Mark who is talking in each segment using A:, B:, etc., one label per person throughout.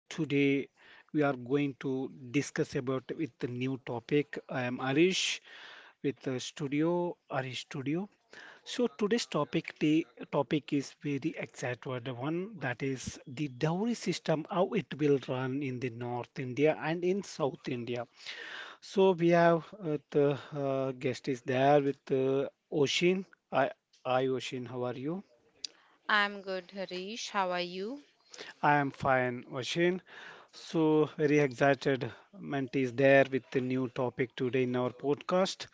A: Today we are going to discuss about with the new topic. I am Arish with the studio Arish Studio. So today's topic is very excited one that is the dowry system how it will run in the North India and in South India. So we have the guest is there with Oshin. Hi, hi, Oshin, how are you?
B: I'm good, Harish. How are you?
A: I am fine, Oshin. So very excited Menti is there with the new topic today in our podcast.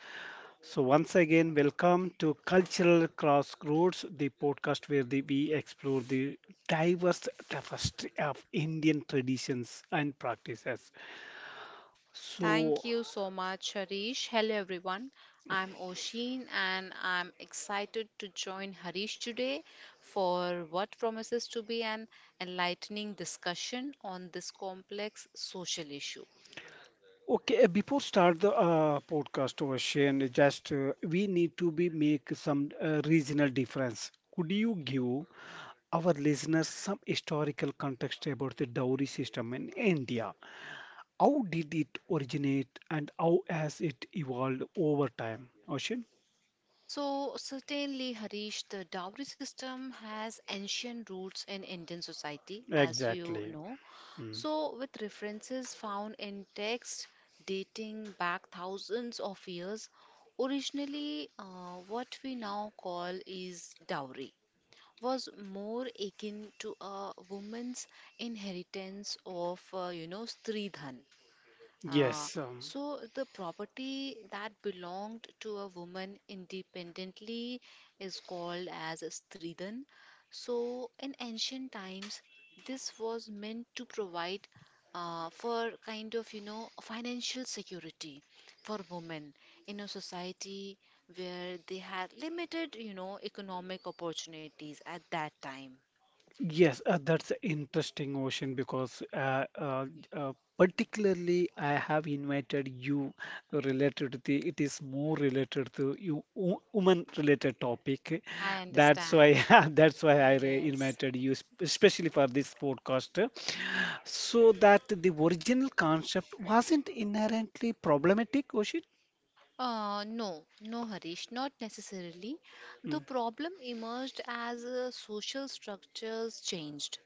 A: So once again, welcome to Cultural Crossroads, the podcast where we explore the diverse tapestry of Indian traditions and practices. So
B: Thank you so much, Harish. Hello, everyone. I'm Oshin and I'm excited to join Harish today for what promises to be an enlightening discussion on this complex social issue.
A: okay, before start the podcast, Oshin, just we need to be make some regional difference. Could you give our listeners some historical context about the dowry system in India. How did it originate and how has it evolved over time? Ocean?
B: So, certainly, Harish, the dowry system has ancient roots in Indian society, as you
A: Exactly.
B: know.
A: Mm.
B: So, with references found in texts dating back thousands of years, originally, what we now call is dowry was more akin to a woman's inheritance of, you know, stridhan uh,
A: Yes.
B: so the property that belonged to a woman independently is called as a stridan. So in ancient times, this was meant to provide for kind of you know financial security for women in a society where they had limited you know economic opportunities at that time.
A: Yes, that's a interesting, Ocean, because uh, particularly I have invited you related to it is more related to you woman related topic.
B: I
A: That's why
B: understand.
A: that's why I
B: Yes.
A: invited you, especially for this podcast, so that the original concept wasn't inherently problematic, Ocean.
B: No, no, Harish, not necessarily. The
A: Mm.
B: problem emerged as social structures changed.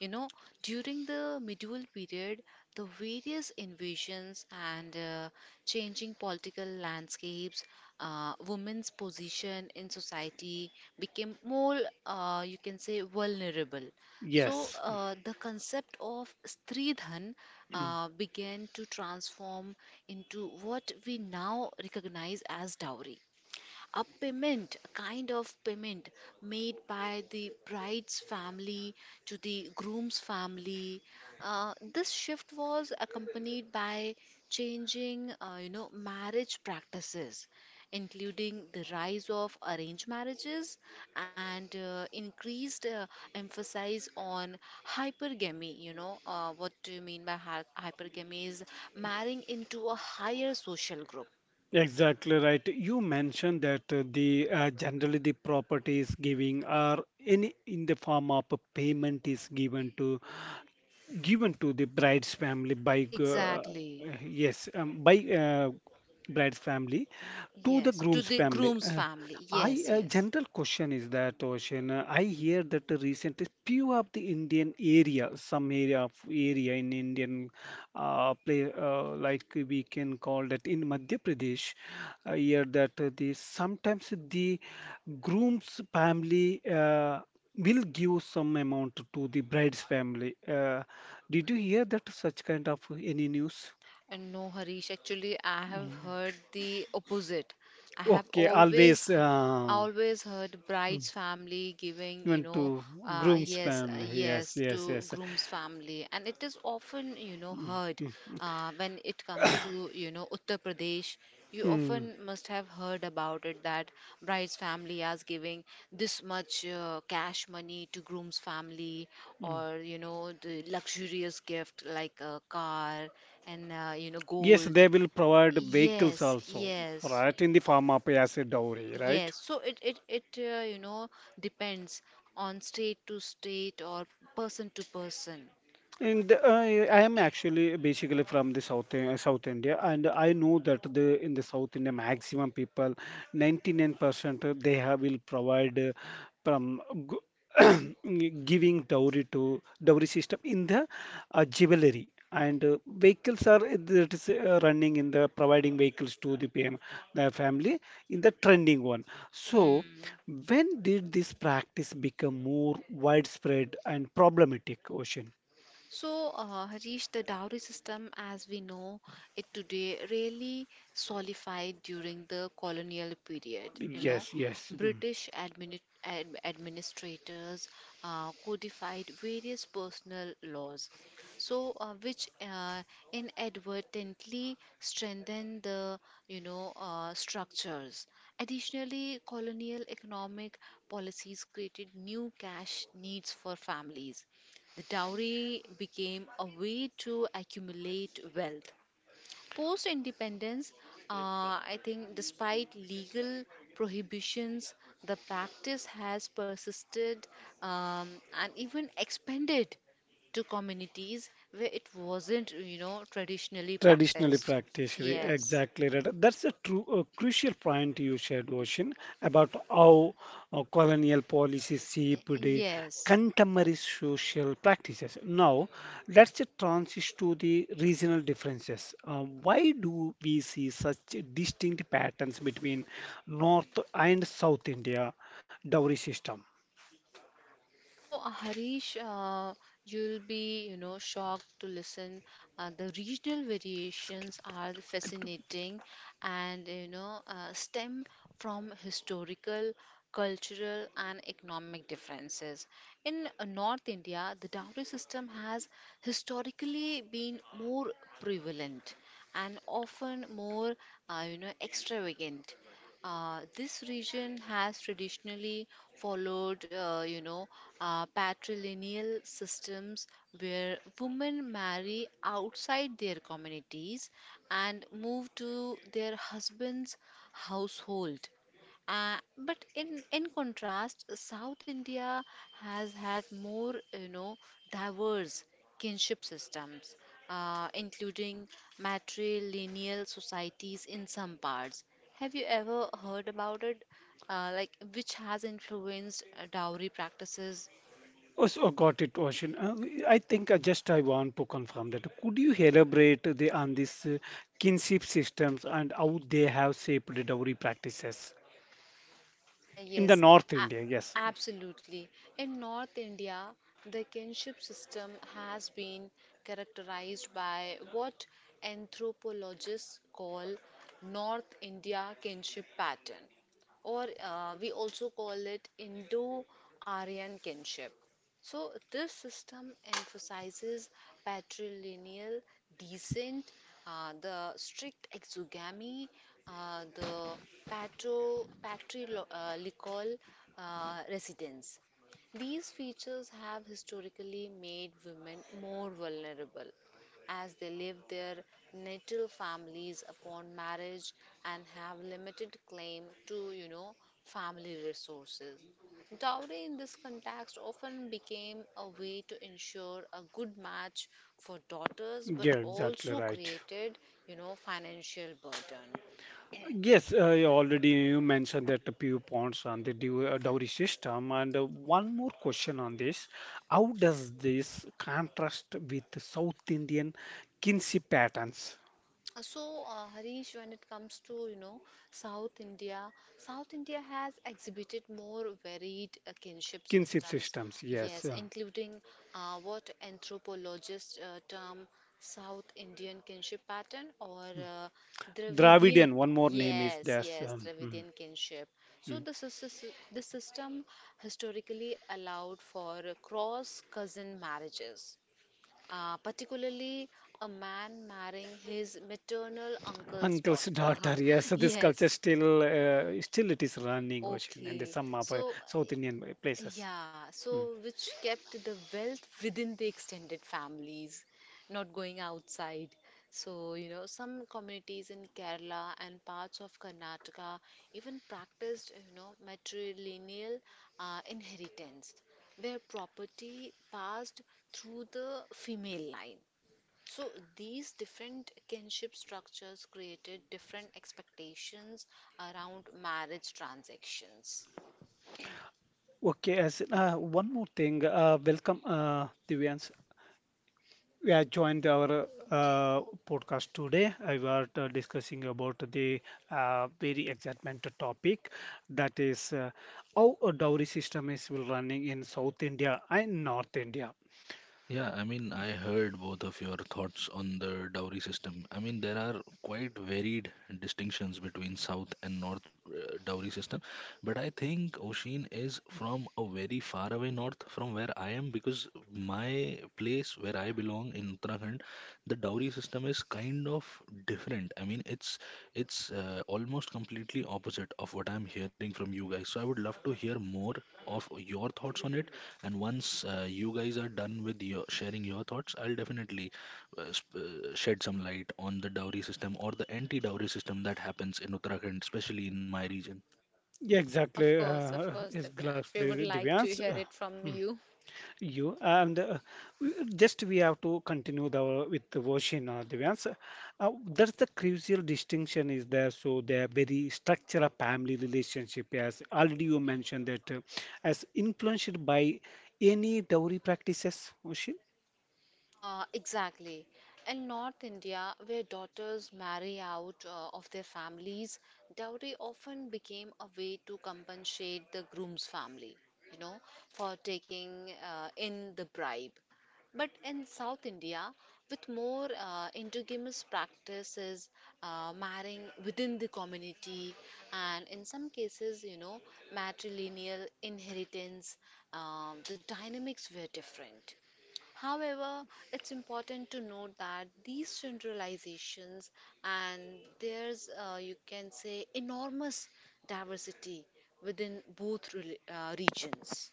B: You know, during the medieval period, the various invasions and changing political landscapes, women's position in society became more, you can say, vulnerable. So,
A: Yes.
B: the concept of Stridhan
A: Hmm.
B: began to transform into what we now recognize as dowry, a payment, a kind of payment made by the bride's family to the groom's family. This shift was accompanied by changing, you know, marriage practices, including the rise of arranged marriages and increased emphasis on hypergamy. You know, what do you mean by hypergamy? Is marrying into a higher social group.
A: Exactly right. You mentioned that the generally the property is giving or any in the form of a payment is given to the bride's family by
B: Exactly.
A: yes, by bride's family to the
B: Yes,
A: groom's
B: to the
A: family.
B: groom's family.
A: I
B: Yes,
A: a
B: yes.
A: general question is that Ocean. I hear that the recent few of the Indian area, some area of area in Indian play like we can call that in Madhya Pradesh. I hear that the sometimes the groom's family will give some amount to the bride's family. Did you hear that such kind of any news?
B: No, Harish, actually, I have heard the opposite. I have
A: Okay,
B: always,
A: always.
B: I always heard bride's family giving, you
A: Even
B: know,
A: to groom's
B: yes,
A: family. Yes,
B: yes,
A: yes,
B: to
A: yes.
B: groom's family, and it is often, you know, heard
A: Mm,
B: when it comes to, you know, Uttar Pradesh. You
A: mm,
B: often must have heard about it that bride's family is giving this much cash money to groom's family,
A: mm.
B: or you know, the luxurious gift like a car and you know
A: Yes,
B: gold,
A: they will provide vehicles
B: yes,
A: also,
B: yes,
A: right, in the form of as a dowry, right?
B: yes. So it you know depends on state to state or person to person.
A: And I am actually basically from the South South India, and I know that the in the South India maximum people, 99% they have will provide from giving dowry to dowry system in the jewelry and vehicles are that is running in the providing vehicles to the PM the family in the trending one. So
B: Hmm.
A: when did this practice become more widespread and problematic, Ocean?
B: So, Harish, the dowry system as we know it today really solidified during the colonial period. You know,
A: Yes, yes. Mm.
B: British administrators codified various personal laws, so which inadvertently strengthened the you know structures. Additionally, colonial economic policies created new cash needs for families, the dowry became a way to accumulate wealth. Post independence, I think, despite legal prohibitions, the practice has persisted and even expanded to communities where it wasn't, you know, traditionally
A: Traditionally
B: practiced.
A: practiced,
B: Yes,
A: exactly right. That's a true, a crucial point you shared, Ocean, about how colonial policies shaped the
B: yes.
A: contemporary social practices. Now, let's transition to the regional differences. Why do we see such distinct patterns between North and South India dowry system?
B: So, Harish, you'll be, you know, shocked to listen. The regional
A: Skip,
B: variations are
A: skip.
B: fascinating, and you know, stem from historical, cultural, and economic differences. In North India, the dowry system has historically been more prevalent and often more, you know, extravagant. This region has traditionally followed, you know, patrilineal systems where women marry outside their communities and move to their husband's household. But in contrast, South India has had more, you know, diverse kinship systems, including matrilineal societies in some parts. Have you ever heard about it? Like, which has influenced dowry practices.
A: Oh, so got it, Oshin. I think I want to confirm that. Could you elaborate on these kinship systems and how they have shaped the dowry practices
B: Uh,
A: in the
B: yes,
A: North
B: a-
A: India? Yes.
B: absolutely. In North India, the kinship system has been characterized by what anthropologists call North India kinship pattern, or we also call it Indo-Aryan kinship. So, this system emphasizes patrilineal descent, the strict exogamy, uh, the patrilineal residence. These features have historically made women more vulnerable as they leave their natal families upon marriage and have limited claim to you know family resources. Dowry in this context often became a way to ensure a good match for daughters, but
A: Yeah, exactly
B: also
A: right.
B: created, you know, financial burden.
A: Yes, you already you mentioned that the few points on the dowry system, and one more question on this: How does this contrast with the South Indian kinship patterns,
B: So, Harish, when it comes to, you know, South India, South India has exhibited more varied kinship
A: kinship
B: systems,
A: systems?
B: yes,
A: Yes.
B: including what anthropologists term South Indian kinship pattern or uh, Dravidian.
A: Dravidian, one more name is
B: Yes,
A: there's
B: yes,
A: mm,
B: Dravidian kinship. So,
A: mm.
B: the system historically allowed for cross cousin marriages particularly a man marrying his maternal uncle's
A: uncle's
B: daughter. Huh.
A: daughter. Yes, so this
B: Yes,
A: culture still it is running ocean in the
B: okay.
A: some of
B: So,
A: South Indian places.
B: yeah,
A: Mm.
B: so which kept the wealth within the extended families, not going outside. So, you know, some communities in Kerala and parts of Karnataka even practiced, you know, matrilineal inheritance, where property passed through the female line. So these different kinship structures created different expectations around marriage transactions.
A: Okay, as one more thing, welcome Divyans. We have joined our podcast today. I was discussing about the very excitement topic that is how a dowry system is will running in South India and North India.
C: Yeah, I mean, I heard both of your thoughts on the dowry system. I mean, there are quite varied distinctions between South and North dowry system, but I think Oshin is from a very far away north from where I am because my place where I belong in Uttarakhand, the dowry system is kind of different. I mean, it's almost completely opposite of what I'm hearing from you guys. So I would love to hear more of your thoughts on it and once you guys are done with your sharing your thoughts, I'll definitely shed some light on the dowry system or the anti-dowry system that happens in Uttarakhand, especially in my region.
A: Yeah, exactly.
B: Of course,
A: Is
B: Divyansh. We would
A: exactly,
B: like to
A: Divyans.
B: hear it from
A: Hmm,
B: you.
A: You and just we have to continue the with the version, Divyans. That's the crucial distinction is there. So they are very structural family relationship, as already you mentioned that, as influenced by any dowry practices, Oshin.
B: Exactly. In North India, where daughters marry out of their families, dowry often became a way to compensate the groom's family, you know, for taking in the bribe. But in South India, with more indigenous practices, marrying within the community, and in some cases, you know, matrilineal inheritance, the dynamics were different. However, it's important to note that these generalizations and there's, you can say, enormous diversity within both regions.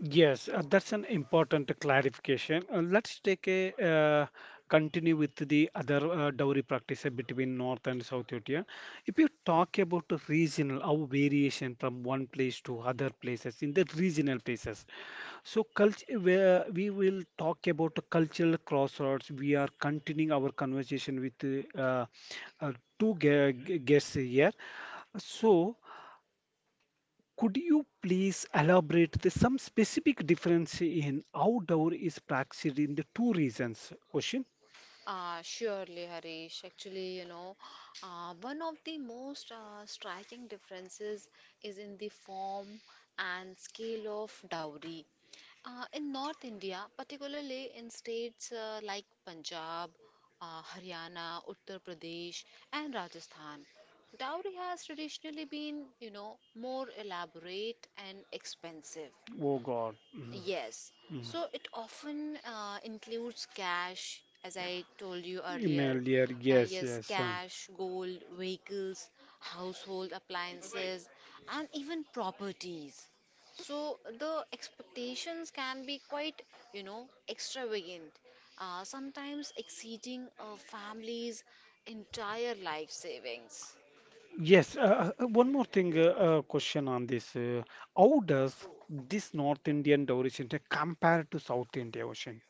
A: Yes, that's an important clarification. Let's take a continue with the other dowry practice between North and South India. If you talk about the regional, our variation from one place to other places in the regional places. So culture, where we will talk about the cultural crossroads. We are continuing our conversation with uh, two guests here. So. Could you please elaborate the some specific difference in outdoor is practiced in the two regions? Question.
B: Surely, Harish. Actually, you know, one of the most striking differences is in the form and scale of dowry. In North India, particularly in states like Punjab, Haryana, Uttar Pradesh, and Rajasthan, dowry has traditionally been, you know, more elaborate and expensive.
A: Oh God. Mm,
B: Yes.
A: mm.
B: So it often includes cash, as I told you earlier.
A: Email here. Yes,
B: Yes,
A: yes.
B: cash, gold, vehicles, household appliances, and even properties. So the expectations can be quite, you know, extravagant, sometimes exceeding a family's entire life savings.
A: Yes, one more thing, question on this. How does this North Indian origin compare to South Indian Ocean?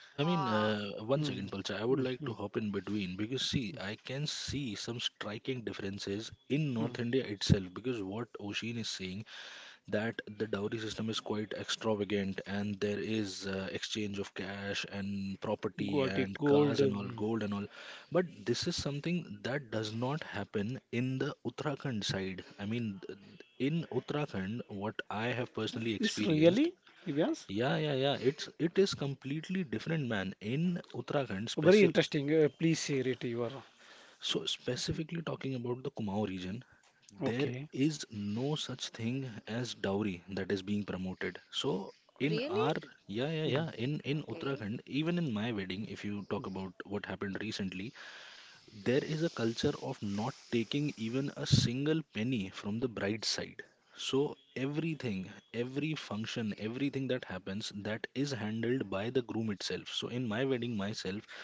C: I mean,
B: Ah,
C: 1 second,
A: Mm,
C: Palcha. I would
A: mm,
C: like to
A: mm,
C: hop in between because, see, I can see some striking differences in
A: mm.
C: North India itself. Because what Oshin is saying that the dowry system is quite extravagant and there is exchange of cash and property
A: Got it,
C: and
A: gold.
C: cars and all
A: Mm.
C: gold and all, but this is something that does not happen in the uttarakhand side. I mean in uttarakhand what I have personally
A: It's
C: experienced,
A: really, yes,
C: yeah, yeah, yeah, it is completely different, man. In uttarakhand
A: very
C: specific,
A: interesting. Please share it. Your
C: so specifically talking about the kumaon region, there
A: okay.
C: is no such thing as dowry that is being promoted. So in
B: really?
C: our, yeah, yeah,
A: Mm,
C: yeah, in
B: Okay.
C: uttarakhand, even in my wedding, if you talk about what happened recently, there is a culture of not taking even a single penny from the bride's side. So everything, every function, everything that happens, that is handled by the groom itself. So in my wedding myself,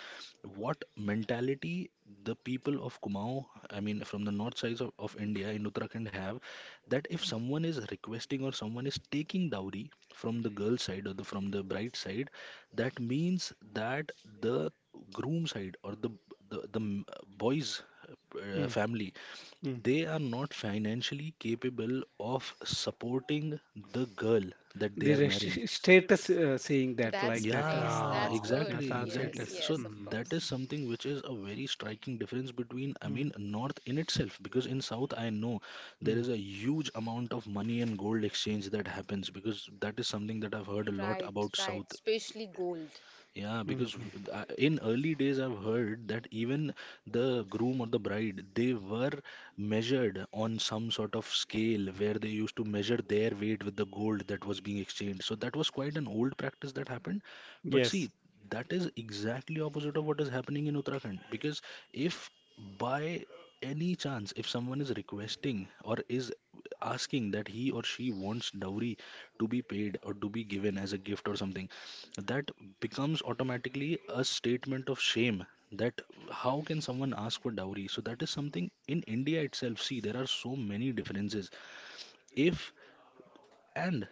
C: what mentality the people of Kumaon, I mean, from the north sides of India in Uttarakhand have, that if someone is requesting or someone is taking dowry from the girl side or the from the bride side, that means that the groom side or the, the m- boy's
A: mm,
C: family,
A: mm.
C: they are not financially capable of supporting the girl that they
A: The
C: are marrying.
A: status saying that like
B: That's
A: that.
B: nice.
C: Yeah,
B: That's
A: Ah,
B: good.
C: exactly,
A: Jnata
B: Yes,
C: exactly.
A: status.
C: So
B: yes, of
A: Mm.
C: that is
B: course.
C: something which is a very striking difference between, I
A: Mm.
C: mean, North in itself, because in South, I know there
A: Mm.
C: is a huge amount of money and gold exchange that happens, because that is something that I've heard a lot
B: Right,
C: about
B: right,
C: South.
B: especially gold.
C: Yeah,
A: Mm. Mm.
C: because in early days, I've heard that even the groom or the bride, they were measured on some sort of scale where they used to measure their weight with the gold that was being exchanged. So that was quite an old practice that happened. But
A: Yes.
C: see, that is exactly opposite of what is happening in Uttarakhand. Because if by any chance, if someone is requesting or is asking that he or she wants dowry to be paid or to be given as a gift or something, that becomes automatically a statement of shame that how can someone ask for dowry. So that is something in india itself. See, there are so many differences. If, and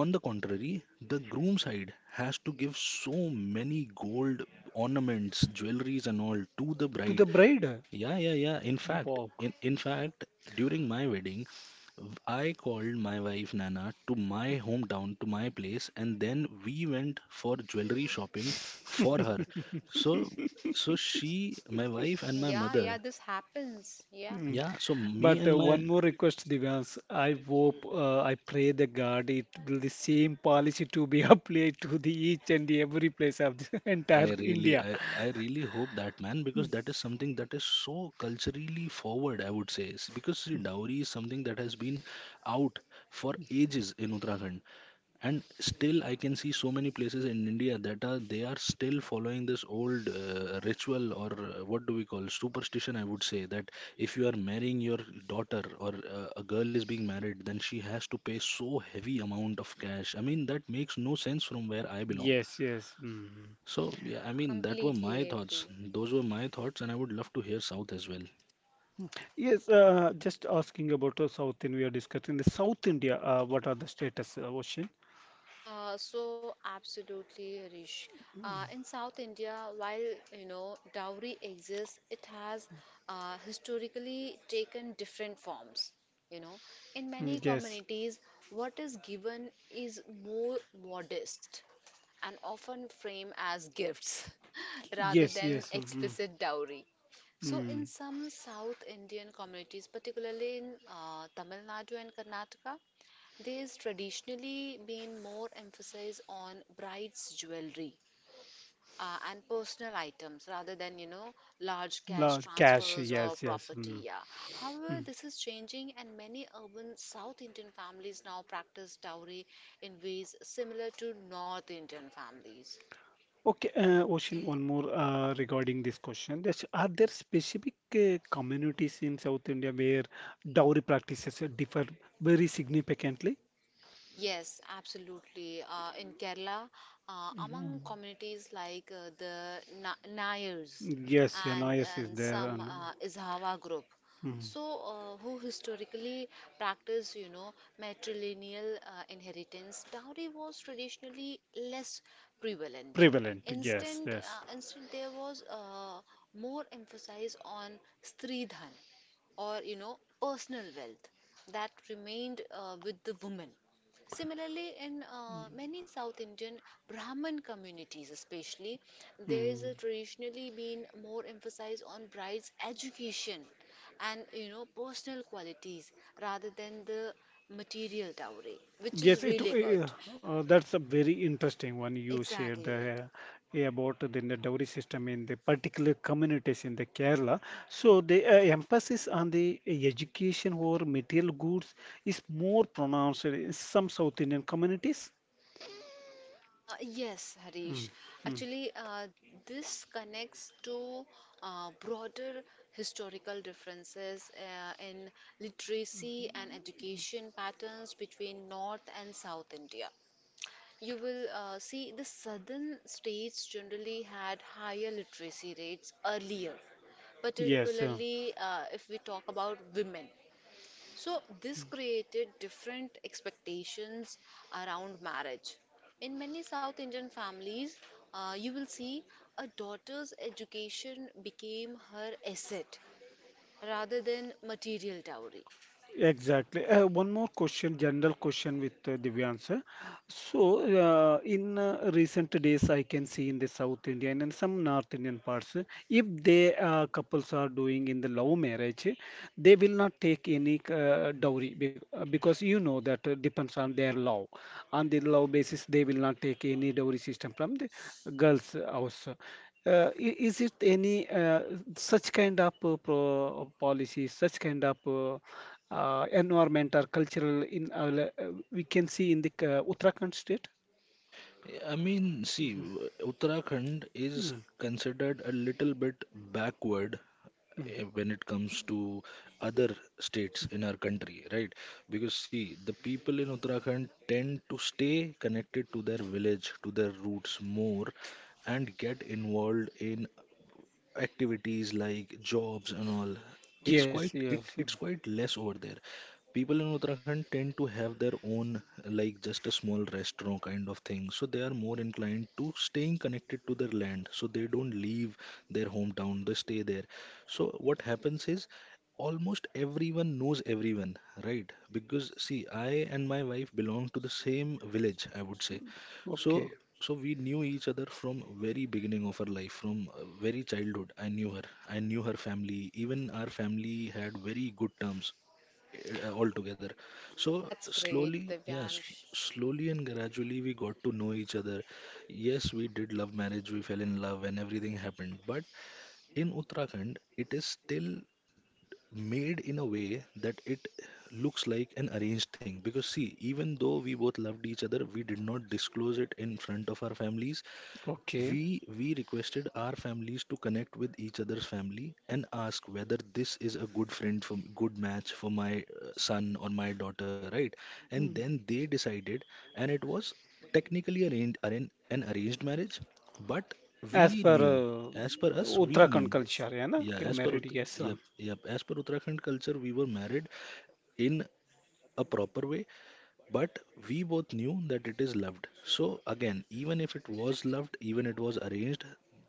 C: on the contrary, the groom side has to give so many gold ornaments, jewelries and all to the
A: To
C: bride.
A: the bride,
C: Yeah, yeah, yeah. In
A: you
C: fact,
A: walk.
C: in fact, during my wedding, I called my wife Nana to my hometown, to my place, and then we went for jewelry shopping for her. So, so she, my wife, and my
B: Yeah, yeah,
C: mother.
B: this happens. Yeah,
A: Mm.
C: Yeah, so me
A: But
C: and my,
A: one more request, Divyans. I hope, I pray the God it will the same policy to be applied to the each and every place of the entire
C: I really,
A: India.
C: I really hope that, man, because that is something that is so culturally forward, I would say. Because see, dowry is something that has been out for ages in Uttarakhand. And still I can see so many places in india that are, they are still following this old ritual or what do we call superstition, I would say, that if you are marrying your daughter or a girl is being married, then she has to pay so heavy amount of cash. I mean, that makes no sense from where I belong. Yes.
A: Yes, yes. Mm.
C: So yeah, I mean, that were my
B: completely
C: thoughts,
B: agree.
C: those were my thoughts, and I would love to hear south as well.
A: Yes, just asking about South India, we are discussing the South India. What are the status, Ocean?
B: So absolutely, Rish. In South India, while you know dowry exists, it has historically taken different forms. You know, in
A: Mm,
B: many
A: Yes.
B: communities, what is given is more modest and often framed as gifts rather
A: Yes,
B: than
A: yes. Mm,
B: explicit dowry. So, in
A: mm.
B: some South Indian communities, particularly in Tamil Nadu and Karnataka, there is traditionally been more emphasis on bride's jewelry and personal items rather than, you know, large
A: La
B: cash
A: cash.
B: transfers or
A: Yes, yes.
B: property.
A: Mm,
B: Yeah. However,
A: mm.
B: this is changing, and many urban South Indian families now practice dowry in ways similar to North Indian families.
A: Okay, Ocean, one more regarding this question. That's, are there specific communities in South India where dowry practices differ very significantly?
B: Yes, absolutely. In Kerala, among
A: Mhm.
B: communities like the Na Nayars
A: Yes, yeah, noise is
B: and
A: there
B: some
A: and
B: Izhawa group,
A: mm,
B: so who historically practice, you know, matrilineal inheritance, dowry was traditionally less prevalent.
A: prevalent.
B: Instead,
A: Yes, yes.
B: instead there was more emphasis on stridhan or you know personal wealth that remained with the woman. Similarly, in many South Indian Brahman communities especially, there is a
A: Mm.
B: traditionally been more emphasis on bride's education and you know personal qualities rather than the material dowry, which is
A: Yes, it
B: really good,
A: that's a very interesting one you shared
B: exactly.
A: the about the dowry system in the particular communities in the Kerala. So the emphasis on the education over material goods is more pronounced in some South Indian communities.
B: Yes, Harish.
A: Mm, mm.
B: Actually, this connects to broader historical differences in literacy and education patterns between North and South India. You will see the southern states generally had higher literacy rates earlier,
A: Yes.
B: particularly if we talk about women. So, this created different expectations around marriage. In many South Indian families, you will see a daughter's education became her asset rather than material dowry.
A: Exactly. One more question, general question with Divyan sir. So, in recent days, I can see in the South Indian and some North Indian parts, if they couples are doing in the love marriage, they will not take any because you know that depends on their law. On the law basis, they will not take any dowry system from the girls' house. Is it any such kind of pro policy, such kind of environment or cultural in our, we can see in the Uttarakhand state?
C: I mean, see, Uttarakhand is
A: Mm,
C: considered a little bit backward,
A: mm.
C: eh, when it comes to other states in our country, right? Because see, the people in Uttarakhand tend to stay connected to their village, to their roots more, and get involved in activities like jobs and all. It's
A: Yes,
C: quite,
A: yes.
C: it
A: Mm.
C: it's quite less over there. People in uttarakhand tend to have their own, like just a small restaurant kind of thing, so they are more inclined to staying connected to their land, so they don't leave their hometown, they stay there. So what happens is almost everyone knows everyone, right? Because see, I and my wife belong to the same village, I would say. So,
A: Okay,
C: so we knew each other from very beginning of our life, from very childhood. I knew her. I knew her family. Even our family had very good terms altogether. So
B: That's great,
C: slowly, yeah, sl
B: Divyansh.
C: slowly and gradually we got to know each other. Yes, we did love marriage. We fell in love, and everything happened. But in Uttarakhand, it is still made in a way that it looks like an arranged thing, because see, even though we both loved each other, we did not disclose it in front of our families.
A: okay.
C: We requested our families to connect with each other's family and ask whether this is a good friend for good match for my son or my daughter, right? And
A: Mm.
C: then they decided, and it was technically arranged arran an arranged marriage, but we
A: As per
C: knew, as per us, we
A: Uttarakhand
C: knew.
A: culture, yeah, na?
C: Yeah,
A: You're
C: as per
A: married, yes.
C: Yep, yep, as per Uttarakhand culture, we were married in a proper way, but we both knew that it is loved. So again, even if it was loved, even it was arranged,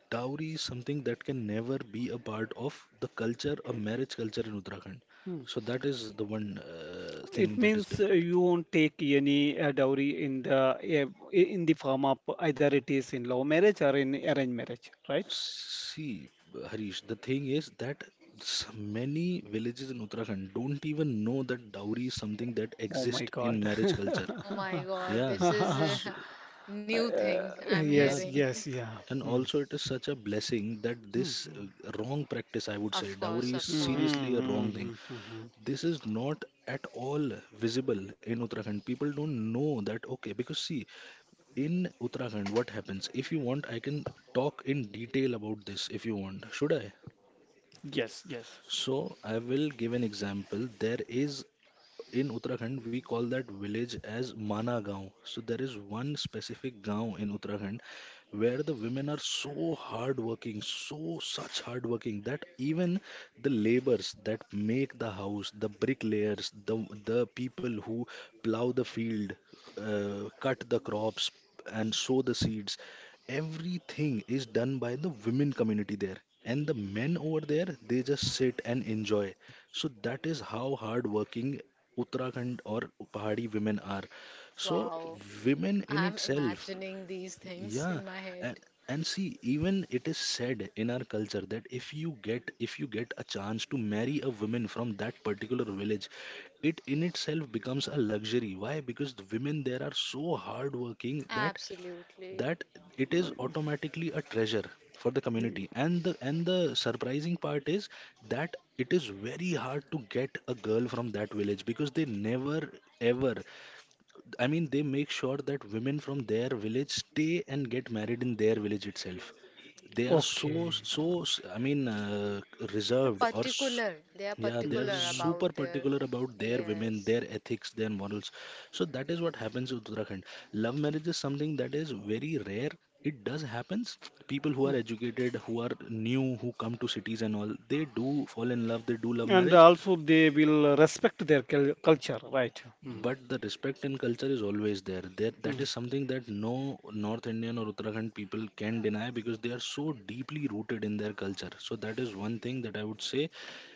C: dowry is something that can never be a part of the culture, a marriage culture in uttarakhand.
A: Mm.
C: So that is the one thing
A: It
C: that is
A: means
C: different.
A: you won't take any dowry in the form of either it is in love marriage or in arranged marriage, right?
C: See, Harish, the thing is that many villages in Uttarakhand don't even know that dowry is something that
A: Oh my
C: exists in
A: God.
C: marriage culture.
B: Oh my God,
C: Yeah,
B: this is
C: so,
B: a new thing I'm
C: yeah,
A: Yes,
B: hearing.
A: yes, yeah.
C: and
A: Mm.
C: also, it is such a blessing that this wrong practice, I would say,
B: Of course,
C: dowry is
A: Mm-hmm,
B: of course.
C: seriously a
A: mm-hmm,
C: wrong thing.
A: mm-hmm, mm-hmm.
C: This is not at all visible in Uttarakhand. People don't know that, okay, because see, in Uttarakhand, what happens? If you want, I can talk in detail about this if you want. Should I?
A: Yes, yes.
C: So, I will give an example. There is, in Uttarakhand, we call that village as Mana Gaon. So there is one specific Gaon in Uttarakhand where the women are so hardworking, so such hardworking that even the laborers that make the house, the bricklayers, the people who plow the field, cut the crops, and sow the seeds, everything is done by the women community there, and the men over there, they just sit and enjoy. So that is how hardworking Uttarakhand or Pahadi women are. So
B: Wow.
C: women in
B: I'm
C: itself,
B: imagining these things
C: yeah,
B: in my head.
C: and, and see, even it is said in our culture that if you get a chance to marry a woman from that particular village, it in itself becomes a luxury. Why? Because the women there are so hardworking that
B: Absolutely.
C: that it is
A: Um,
C: automatically a treasure for the community and the surprising part is that it is very hard to get a girl from that village because they never ever, I mean, they make sure that women from their village stay and get married in their village itself. They are so,
A: okay.
C: so, I mean
B: They are
C: reserved or
B: particular. They are
C: yeah, they are
A: Mm-hmm.
B: particular
A: Mm-hmm,
C: super
B: about their.
C: particular about their women,
B: Yes.
C: their ethics, their morals. So that is what happens in Uttarakhand. Love marriage is something that is very rare. It does happens. People who are educated, who are new, who come to cities and all, they do fall in love, they do love
A: mm-hmm. And
C: marriage.
A: also, they will respect their culture, right?
C: Yeah, but the respect and culture is always there. That
A: Hmm.
C: is something that no North Indian or Uttarakhand people can deny because they are so deeply rooted in their culture. So that is one thing that I would say,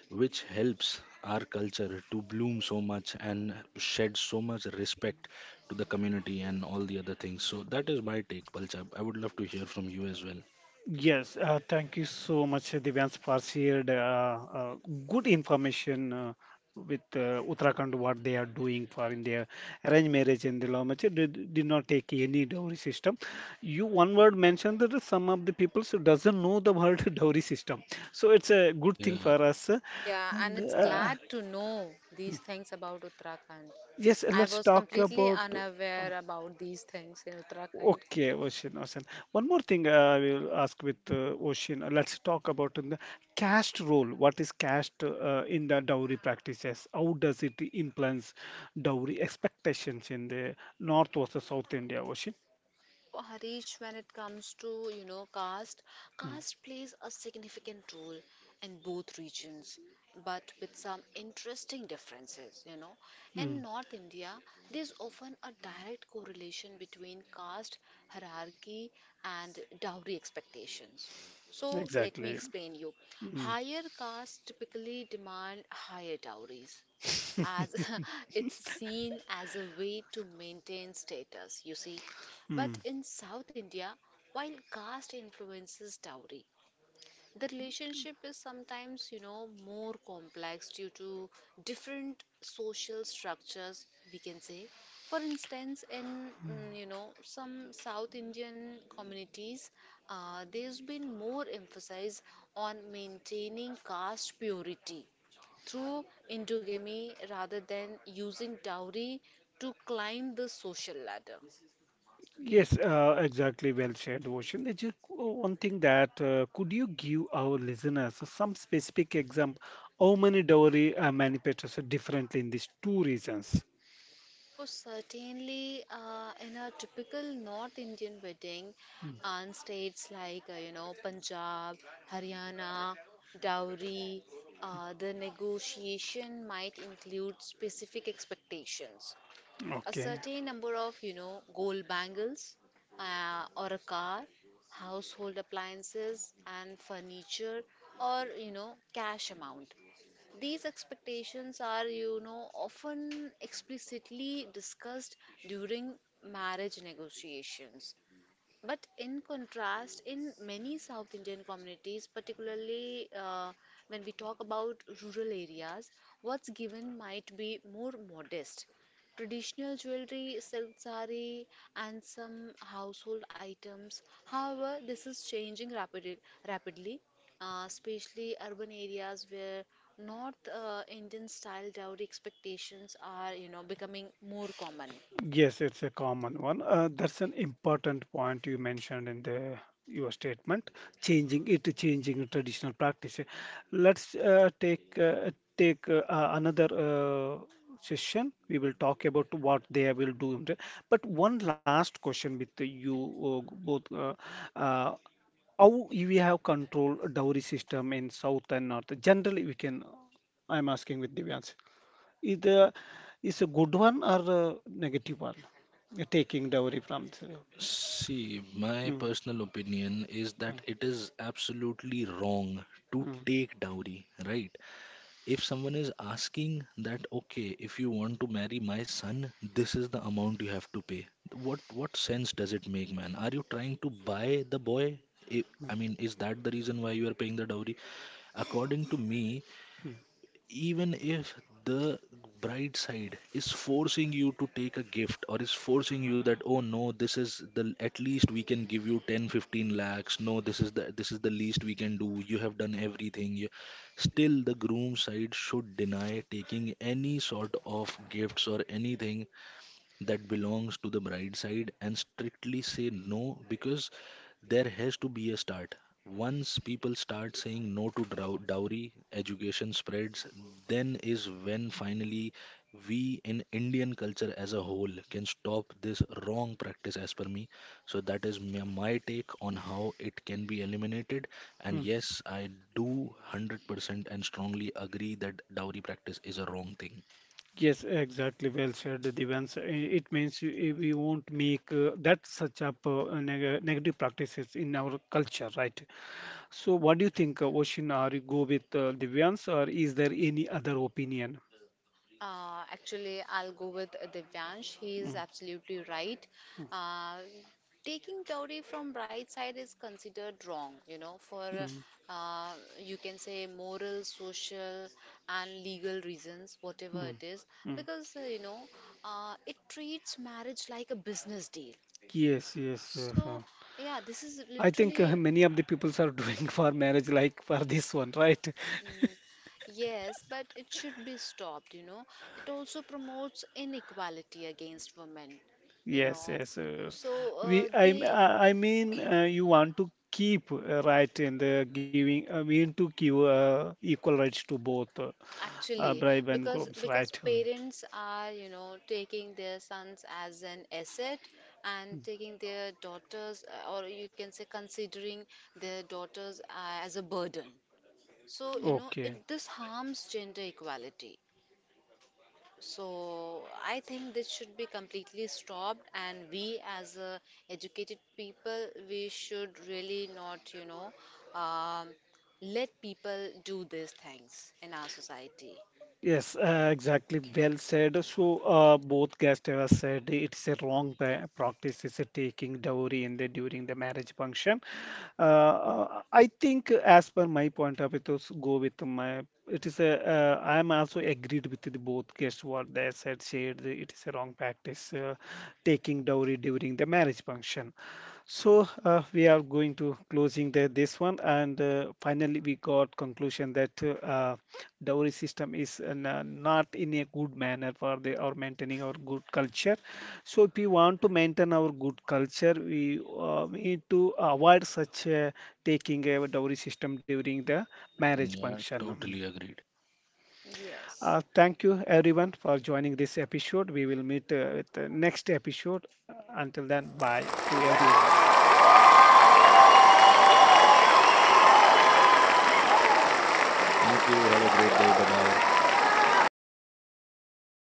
C: which helps our culture to bloom so much and shed so much respect to the community and all the other things. So that is my take, Palchab. I would love to hear from you as well.
A: Yes, thank you so much, Divyansh, for shared good information with Uttarakhand, what they are doing for in their arranged marriage and the law marriage. They did not take any dowry system. You one word mentioned that some of the people so, doesn't know the word dowry system. So it's a good thing
C: Yeah.
A: for us.
B: Yeah, and
A: And
B: it's glad to know these things about Uttarakhand.
A: yes,
B: I
A: let's
B: was
A: talk
B: completely
A: about
B: unaware about these things in Uttarakhand.
A: Okay, Ocean, Ocean. One more thing I will ask with Ocean. Let's talk about in the caste role. What is caste in the dowry practices? How does it influence dowry expectations in the North versus South India, Ocean?
B: So, Harish, when it comes to, you know, caste,
A: Mm,
B: caste plays a significant role in both regions, but with some interesting differences, you know. In
A: mm,
B: North India, there's often a direct correlation between caste hierarchy and dowry expectations. So, let me
A: exactly.
B: explain you.
A: Mm,
B: Higher castes typically demand higher dowries as it's seen as a way to maintain status, you see. But
A: mm.
B: in South India, while caste influences dowry, the relationship is sometimes, you know, more complex due to different social structures, we can say. For instance, in, mm, you know, some South Indian communities, there's been more emphasis on maintaining caste purity through endogamy rather than using dowry to climb the social ladder.
A: Yes, exactly. Well said, Ocean. There's just one thing that could you give our listeners some specific example? How many dowry manifests differently in these two reasons?
B: So, certainly, in a typical North Indian wedding, and states like you know Punjab, Haryana, dowry, the negotiation might include specific expectations, a
A: Okay.
B: certain number of you know gold bangles, or a car, household appliances and furniture, or you know cash amount. These expectations are you know often explicitly discussed during marriage negotiations. But in contrast, in many South Indian communities, particularly when we talk about rural areas, what's given might be more modest. Traditional jewelry, silk sari, and some household items. However, this is changing rapidly, especially urban areas where North Indian style dowry expectations are, you know, becoming more common.
A: Yes, it's a common one. That's an important point you mentioned in the your statement, changing it, changing traditional practice. Let's take another session. We will talk about what they will do. In the- But one last question with you both. Uh, how we have control dowry system in south and north? Generally, we can. I'm asking with Divyansh. is the is a good one or a negative one? Taking dowry from the-
C: See, my
A: mm,
C: personal opinion is that
A: mm,
C: it is absolutely wrong to
A: mm,
C: take dowry, right? If someone is asking that, okay, if you want to marry my son, this is the amount you have to pay, what sense does it make, man? Are you trying to buy the boy? I I mean, is that the reason why you are paying the dowry? According to me,
A: mm,
C: even if the bride side is forcing you to take a gift or is forcing you that, oh no, this is the at least we can give you 10-15 lakhs, no, this is the, this is the least we can do, you have done everything, you, still the groom side should deny taking any sort of gifts or anything that belongs to the bride side and strictly say no, because there has to be a start. Once people start saying no to dowry, education spreads, then is when finally we in Indian culture as a whole can stop this wrong practice, as per me. So, that is my my take on how it can be eliminated. And
A: mm.
C: yes, I do 100% and strongly agree that dowry practice is a wrong thing.
A: Yes, exactly. Well said, Divans. It means we won't make that such up negative practices in our culture, right? So, what do you think, Oshin? Are you go with Divans, or is there any other opinion?
B: Actually, I'll go with Divyansh. He is
A: Mm,
B: absolutely right. Uh, taking dowry from bride side is considered wrong, you know, for
A: mm,
B: you can say moral, social, and legal reasons, whatever
A: mm,
B: it is,
A: mm.
B: because you know it treats marriage like a business deal.
A: Yes, yes.
B: So yeah, this is
A: I think
B: literally.
A: many of the peoples are doing for marriage like for this one, right?
B: Mm. Yes, but it should be stopped, you know. It also promotes inequality against women, you
A: Yes,
B: know.
A: yes.
B: So
A: We, I, m-
B: they
A: uh, I mean, you want to keep right in the giving. I mean, to give equal rights to both
B: actually
A: bribe and
B: because
A: groups, right?
B: parents are, you know, taking their sons as an asset and taking their daughters or you can say considering their daughters as a burden. So, you know,
A: Okay.
B: it this harms gender equality. So I think this should be completely stopped, and we as a educated people, we should really not, you know, um, let people do these things in our society.
A: Yes, exactly. Well said. So, both guests have said it's a wrong practice, is taking dowry in the during the marriage function. I think, as per my point of it, was go with my. It is a. I am also agreed with the both guests what they said. Shared it is a wrong practice, taking dowry during the marriage function. So we are going to closing this one, and finally we got conclusion that dowry system is not in a good manner for the or maintaining our good culture. So if we want to maintain our good culture, we need to avoid such taking a dowry system during the marriage
C: Yeah,
A: function. Mm.
C: totally agreed.
B: Yes.
A: Thank you everyone for joining this episode. We will meet with the next episode. Until then, bye to everyone.
B: Thank you. Bye bye.
C: Thank you. Have a great day. Bye bye.